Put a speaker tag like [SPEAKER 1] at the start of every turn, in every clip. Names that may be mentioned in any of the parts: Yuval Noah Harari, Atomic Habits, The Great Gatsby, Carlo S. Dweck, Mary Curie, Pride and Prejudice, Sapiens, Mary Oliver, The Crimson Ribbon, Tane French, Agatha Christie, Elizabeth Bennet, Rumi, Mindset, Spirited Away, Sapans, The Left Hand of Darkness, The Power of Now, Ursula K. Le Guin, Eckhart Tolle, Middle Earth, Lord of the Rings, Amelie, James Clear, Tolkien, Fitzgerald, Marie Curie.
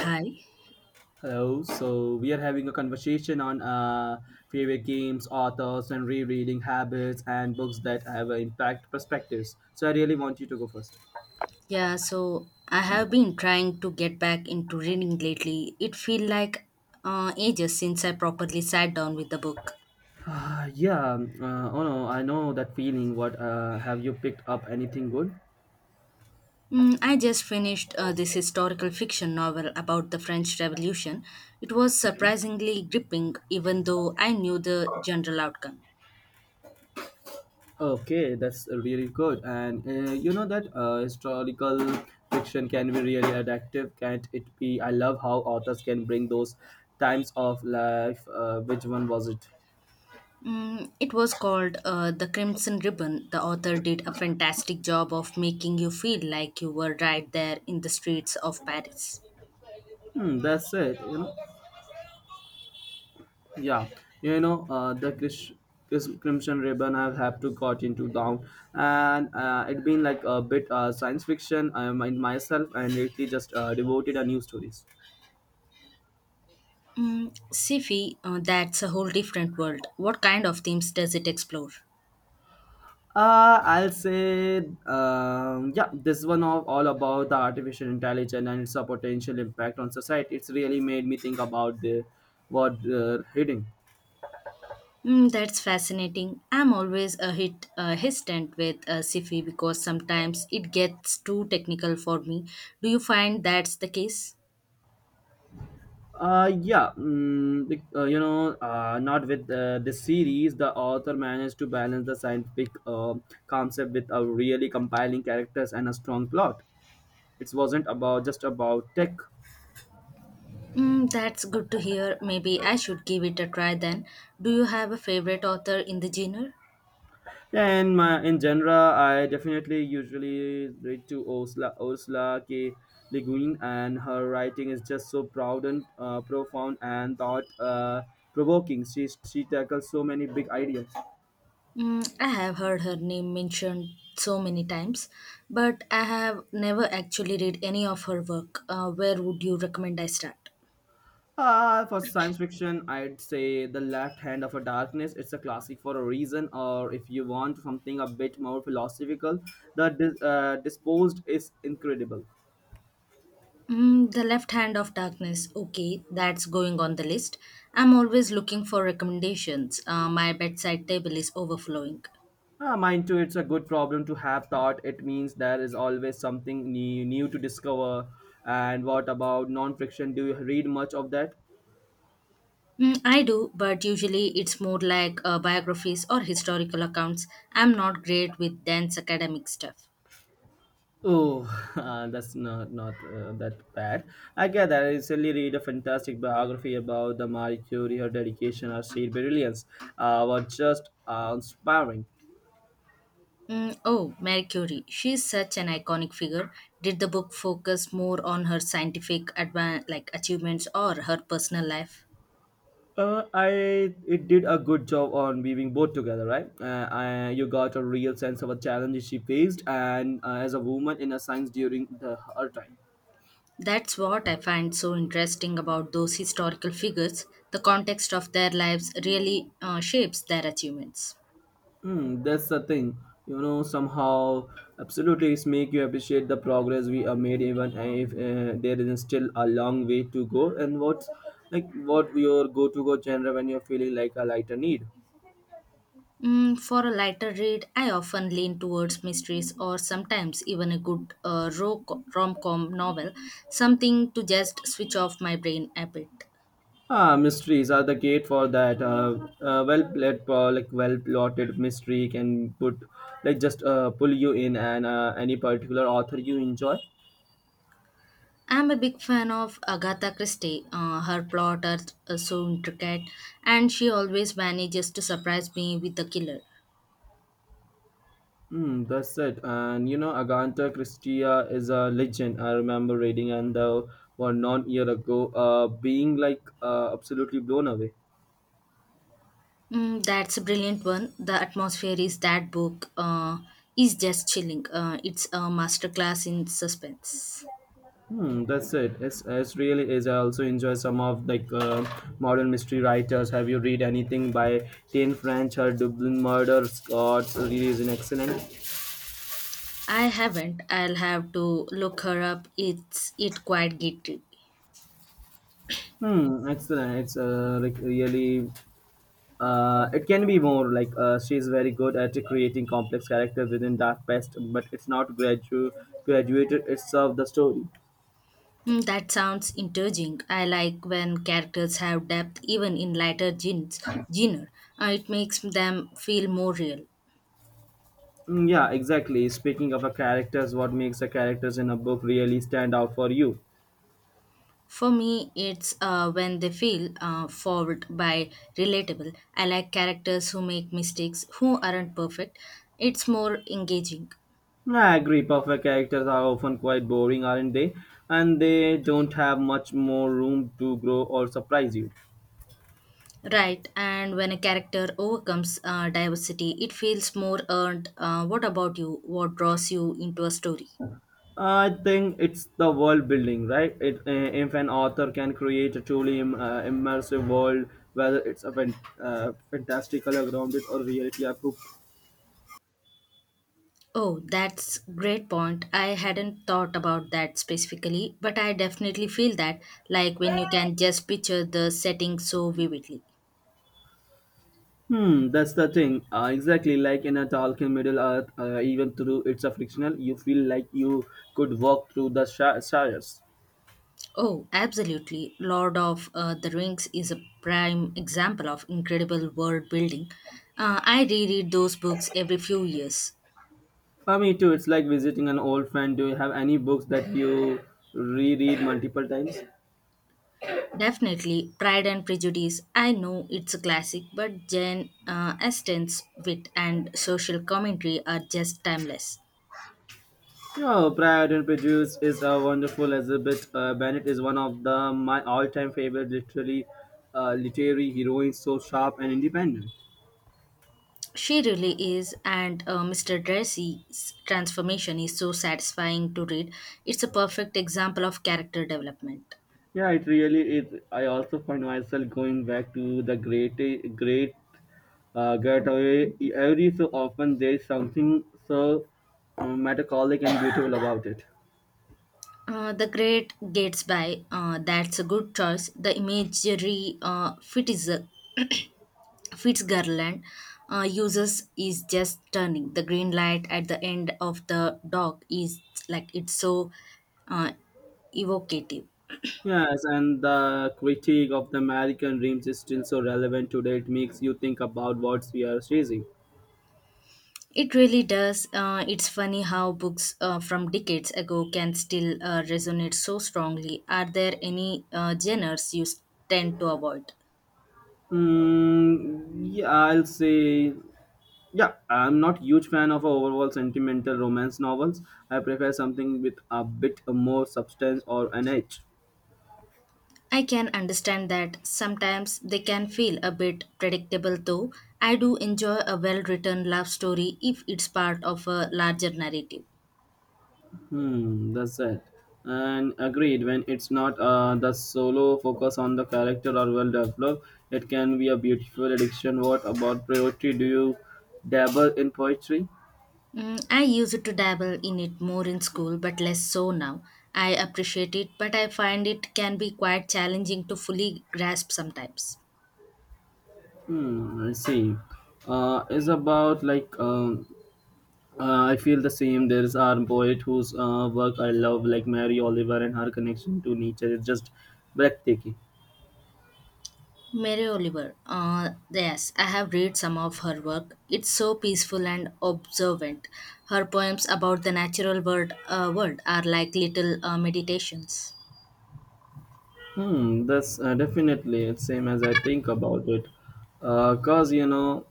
[SPEAKER 1] Hi.
[SPEAKER 2] Hello. So we are having a conversation on favorite games, authors, and rereading habits, and books that have an impact perspectives. So I really want you to go first.
[SPEAKER 1] Yeah, so I have been trying to get back into reading lately. It feel like ages since I properly sat down with the book.
[SPEAKER 2] Yeah. Oh no, I know that feeling. What have you picked up anything good?
[SPEAKER 1] Mm, I just finished this historical fiction novel about the French Revolution. It was surprisingly gripping, even though I knew the general outcome.
[SPEAKER 2] Okay, that's really good. And you know that historical fiction can be really addictive, can't it be? I love how authors can bring those times of life. Which one was it?
[SPEAKER 1] Mm, it was called The Crimson Ribbon. The author did a fantastic job of making you feel like you were right there in the streets of Paris.
[SPEAKER 2] Hmm, that's it. Yeah, the Crimson Ribbon I've to got into down, and it been like a bit science fiction. I mind myself and lately just devoted a new stories.
[SPEAKER 1] Mm, sci-fi, that's a whole different world. What kind of themes does it explore?
[SPEAKER 2] Uh, I'll say, yeah, this one of all about the artificial intelligence and its potential impact on society. It's really made me think about the what they're heading.
[SPEAKER 1] Mm, that's fascinating. I'm always a hit hesitant with sci-fi because sometimes it gets too technical for me. Do you find that's the case?
[SPEAKER 2] You know, not with this series, the author managed to balance the scientific concept with a really compelling characters and a strong plot. It wasn't about just about tech.
[SPEAKER 1] Mm, that's good to hear. Maybe I should give it a try then. Do you have a favorite author in the genre?
[SPEAKER 2] And in my in genre, I definitely usually read to Ursula K. Le Guin, and her writing is just so proud and profound and thought provoking. She tackles so many big ideas.
[SPEAKER 1] Mm, I have heard her name mentioned so many times, but I have never actually read any of her work. Where would you recommend I start?
[SPEAKER 2] For science fiction, I'd say The Left Hand of a Darkness. It's a classic for a reason, or if you want something a bit more philosophical, the Disposed is incredible.
[SPEAKER 1] Mm, the Left Hand of Darkness. Okay, that's going on the list. I'm always looking for recommendations. My bedside table is overflowing.
[SPEAKER 2] Mind too, it's a good problem to have thought. It means there is always something new to discover. And what about non fiction? Do you read much of that?
[SPEAKER 1] Mm, I do, but usually it's more like biographies or historical accounts. I'm not great with dense academic stuff.
[SPEAKER 2] Oh, that's not that bad. I get that. I recently read a really, really fantastic biography about the Marie Curie. Her dedication, her sheer brilliance, were just inspiring.
[SPEAKER 1] Mm, oh, Mary Curie. She's such an iconic figure. Did the book focus more on her like achievements or her personal life?
[SPEAKER 2] I it did a good job on weaving both together, right? I, you got a real sense of a challenge she faced, and as a woman in a science during the, her time.
[SPEAKER 1] That's what I find so interesting about those historical figures. The context of their lives really shapes their achievements.
[SPEAKER 2] Hmm, that's the thing. You know, somehow, absolutely, it's make you appreciate the progress we have made, even if there is still a long way to go. And what's like what your go-to-go genre when you're feeling like a lighter need?
[SPEAKER 1] Mm, for a lighter read, I often lean towards mysteries or sometimes even a good rom com novel, something to just switch off my brain a bit.
[SPEAKER 2] Ah, mysteries are the gate for that. Well played, like well plotted mystery can put like just pull you in, and any particular author you enjoy.
[SPEAKER 1] I'm a big fan of Agatha Christie. Her plot are so intricate, and she always manages to surprise me with the killer.
[SPEAKER 2] Mm, that's it. And you know, Agatha Christie is a legend. I remember reading and the one non year ago, being like absolutely blown away.
[SPEAKER 1] Mm, that's a brilliant one. The atmosphere is that book is just chilling. It's a masterclass in suspense.
[SPEAKER 2] Hmm, that's it. It's really is. I also enjoy some of like modern mystery writers. Have you read anything by Tane French or Dublin Murder? Scots? Really is an excellent.
[SPEAKER 1] I haven't. I'll have to look her up. It's it quite gritty.
[SPEAKER 2] Hmm, excellent. It's like really. It can be more like she's very good at creating complex characters within Dark Pest, but it's not graduated itself the story.
[SPEAKER 1] Mm, that sounds intriguing. I like when characters have depth, even in genre. It makes them feel more real.
[SPEAKER 2] Yeah, exactly. Speaking of a characters, what makes the characters in a book really stand out for you?
[SPEAKER 1] For me, it's when they feel forward by relatable. I like characters who make mistakes, who aren't perfect. It's more engaging.
[SPEAKER 2] I agree. Perfect characters are often quite boring, aren't they? And they don't have much more room to grow or surprise you.
[SPEAKER 1] Right, and when a character overcomes diversity, it feels more earned. What about you? What draws you into a story?
[SPEAKER 2] I think it's the world building, right? If an author can create a truly immersive world, whether it's fantastical, or grounded, or reality approved.
[SPEAKER 1] Oh, that's great point. I hadn't thought about that specifically, but I definitely feel that like when you can just picture the setting so vividly.
[SPEAKER 2] Hmm, that's the thing. Exactly like in a Tolkien Middle Earth, even through it's a fictional, you feel like you could walk through the shires.
[SPEAKER 1] Oh, absolutely. Lord of the Rings is a prime example of incredible world building. I reread those books every few years.
[SPEAKER 2] For me too, it's like visiting an old friend. Do you have any books that you reread multiple times?
[SPEAKER 1] Definitely, Pride and Prejudice. I know it's a classic, but Jane Austen's wit and social commentary are just timeless.
[SPEAKER 2] Yeah, Pride and Prejudice is a wonderful Elizabeth Bennet is one of the my all-time favorite literary heroines, so sharp and independent.
[SPEAKER 1] She really is, and Mr. Darcy's transformation is so satisfying to read. It's a perfect example of character development.
[SPEAKER 2] Yeah, it really is. I also find myself going back to the great getaway. Every so often, there's something so melancholic and beautiful about it.
[SPEAKER 1] The Great Gatsby. That's a good choice. The imagery Fitzgerald uses is just stunning. The green light at the end of the dog is like it's so uh, evocative.
[SPEAKER 2] Yes, and the critique of the American dreams is still so relevant today. It makes you think about what we are chasing.
[SPEAKER 1] It really does. It's funny how books from decades ago can still resonate so strongly. Are there any uh, genres you tend to avoid?
[SPEAKER 2] Mm, yeah, I'll say, yeah, I'm not huge fan of overall sentimental romance novels. I prefer something with a bit more substance or an edge.
[SPEAKER 1] I can understand that sometimes they can feel a bit predictable, though I do enjoy a well written love story if it's part of a larger narrative.
[SPEAKER 2] Hmm, that's it. And agreed, when it's not the solo focus on the character or well developed, it can be a beautiful addiction. What about poetry? Do you dabble in poetry?
[SPEAKER 1] Mm, I used to dabble in it more in school, but less so now. I appreciate it, but I find it can be quite challenging to fully grasp sometimes.
[SPEAKER 2] Hmm, I see. It's about like I feel the same. There's our poet whose work I love, like Mary Oliver, and her connection to nature is just breathtaking.
[SPEAKER 1] Mary Oliver. Yes, I have read some of her work. It's so peaceful and observant. Her poems about the natural world are like little meditations.
[SPEAKER 2] Hmm, that's definitely it's same as I think about it. Uh, cause you know,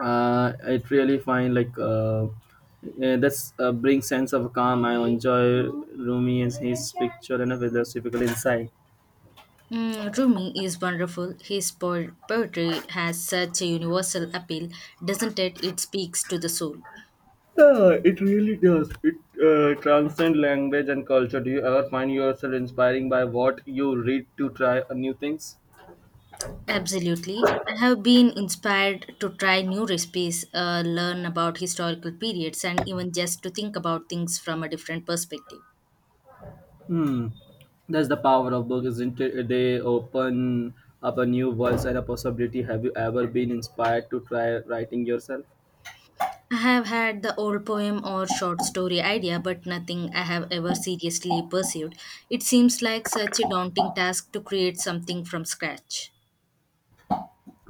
[SPEAKER 2] it really find like that's brings sense of calm. I enjoy Rumi and his picture and a philosophical insight.
[SPEAKER 1] Mm, Rumi is wonderful. Poetry has such a universal appeal, doesn't it? It speaks to the soul.
[SPEAKER 2] Yeah, it really does. It transcends language and culture. Do you ever find yourself inspiring by what you read to try new things?
[SPEAKER 1] Absolutely. I have been inspired to try new recipes, learn about historical periods, and even just to think about things from a different perspective.
[SPEAKER 2] Hmm. That's the power of books, isn't it? They open up a new voice and a possibility. Have you ever been inspired to try writing yourself?
[SPEAKER 1] I have had the old poem or short story idea, but nothing I have ever seriously pursued. It seems like such a daunting task to create something from scratch.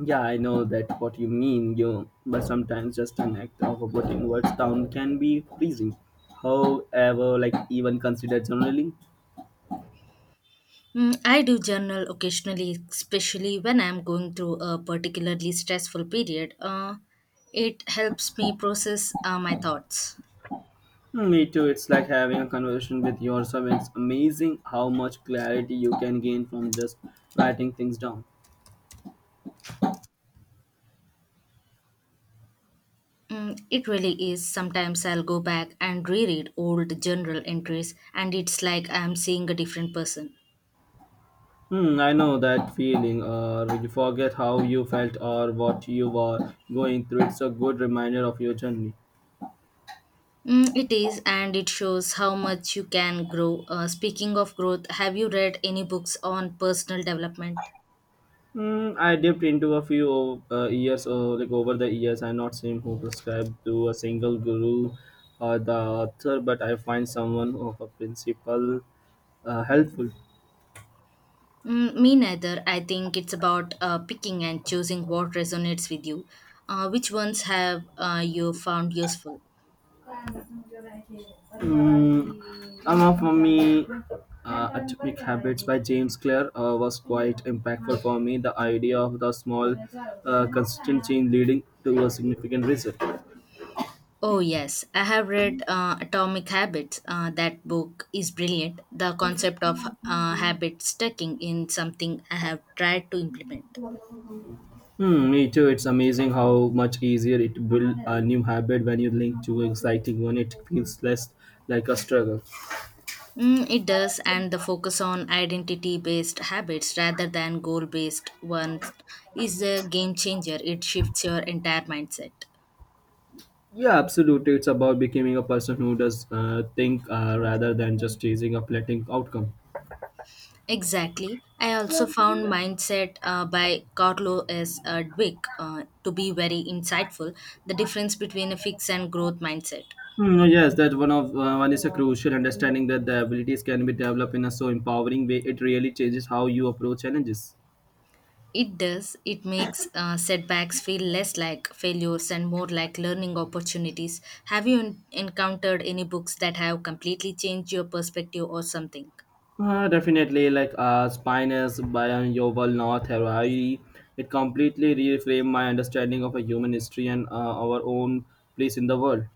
[SPEAKER 2] Yeah, I know that what you mean, you. But sometimes just an act of putting words down can be freezing. However, like even considered journaling.
[SPEAKER 1] Mm, I do journal occasionally, especially when I'm going through a particularly stressful period. It helps me process my thoughts.
[SPEAKER 2] Me too. It's like having a conversation with yourself. It's amazing how much clarity you can gain from just writing things down.
[SPEAKER 1] Mm, it really is. Sometimes I'll go back and reread old journal entries, and it's like I'm seeing a different person.
[SPEAKER 2] Hmm, I know that feeling. Or you forget how you felt or what you were going through. It's a good reminder of your journey.
[SPEAKER 1] Mm, it is, and it shows how much you can grow. Speaking of growth, have you read any books on personal development?
[SPEAKER 2] Hmm, I dipped into a like over the years. I'm not saying who prescribed to a single guru or the author, but I find someone of a principle helpful.
[SPEAKER 1] Mm, me neither. I think it's about picking and choosing what resonates with you. Which ones have you found useful?
[SPEAKER 2] Some of Mummy Atomic Habits by James Clear was quite impactful for me. The idea of the small, consistent change leading to a significant result.
[SPEAKER 1] Oh, yes. I have read Atomic Habits. That book is brilliant. The concept of habit stacking in something I have tried to implement.
[SPEAKER 2] Hmm, me too. It's amazing how much easier it build a new habit when you link to an exciting one. It feels less like a struggle.
[SPEAKER 1] Mm, it does, and the focus on identity based habits rather than goal based ones is a game changer. It shifts your entire mindset.
[SPEAKER 2] Yeah, absolutely. It's about becoming a person who does think rather than just chasing a fleeting outcome.
[SPEAKER 1] Exactly. I also found Mindset by Carlo S. Dweck to be very insightful the difference between a fix and growth mindset.
[SPEAKER 2] Yes, that one of one is a crucial understanding that the abilities can be developed in a so empowering way. It really changes how you approach challenges.
[SPEAKER 1] It does. It makes setbacks feel less like failures and more like learning opportunities. Have you encountered any books that have completely changed your perspective or something?
[SPEAKER 2] Definitely, like Spinus by Yoval North Harari, it completely reframed my understanding of a human history and our own place in the world.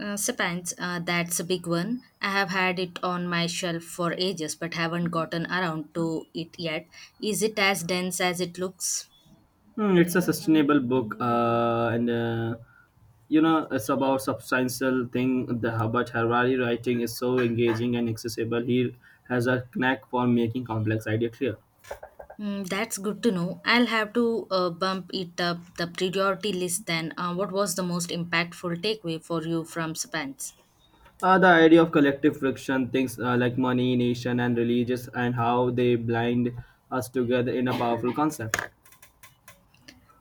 [SPEAKER 1] Spans, that's a big one. I have had it on my shelf for ages but haven't gotten around to it yet. Is it as dense as it looks?
[SPEAKER 2] Hmm, it's a sustainable book, and you know it's about substantial thing. The Hubbard Harari writing is so engaging and accessible. He has a knack for making complex idea clear.
[SPEAKER 1] Mm, that's good to know. I'll have to bump it up the priority list then. What was the most impactful takeaway for you from Sapans?
[SPEAKER 2] The idea of collective friction, things like money, nation, and religious, and how they blind us together in a powerful concept.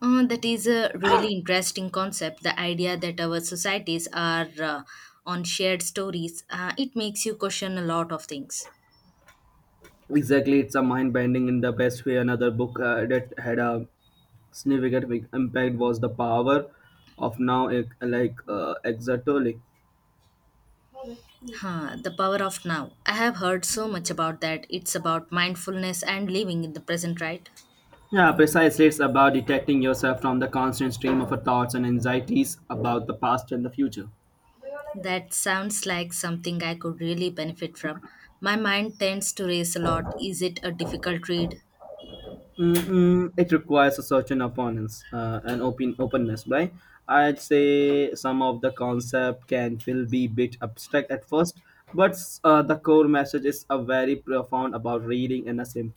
[SPEAKER 1] That is a really interesting concept. The idea that our societies are on shared stories, it makes you question a lot of things.
[SPEAKER 2] Exactly, it's a mind bending in the best way. Another book that had a significant big impact was The Power of Now, eh, like Exatoli.
[SPEAKER 1] Huh, the power of now. I have heard so much about that. It's about mindfulness and living in the present, right?
[SPEAKER 2] Yeah, precisely. It's about detecting yourself from the constant stream of our thoughts and anxieties about the past and the future.
[SPEAKER 1] That sounds like something I could really benefit from. My mind tends to race a lot. Is it a difficult read?
[SPEAKER 2] Mm-mm, it requires a certain opponents and openness, right? I'd say some of the concept can feel be bit abstract at first, but the core message is a very profound about reading and a simple.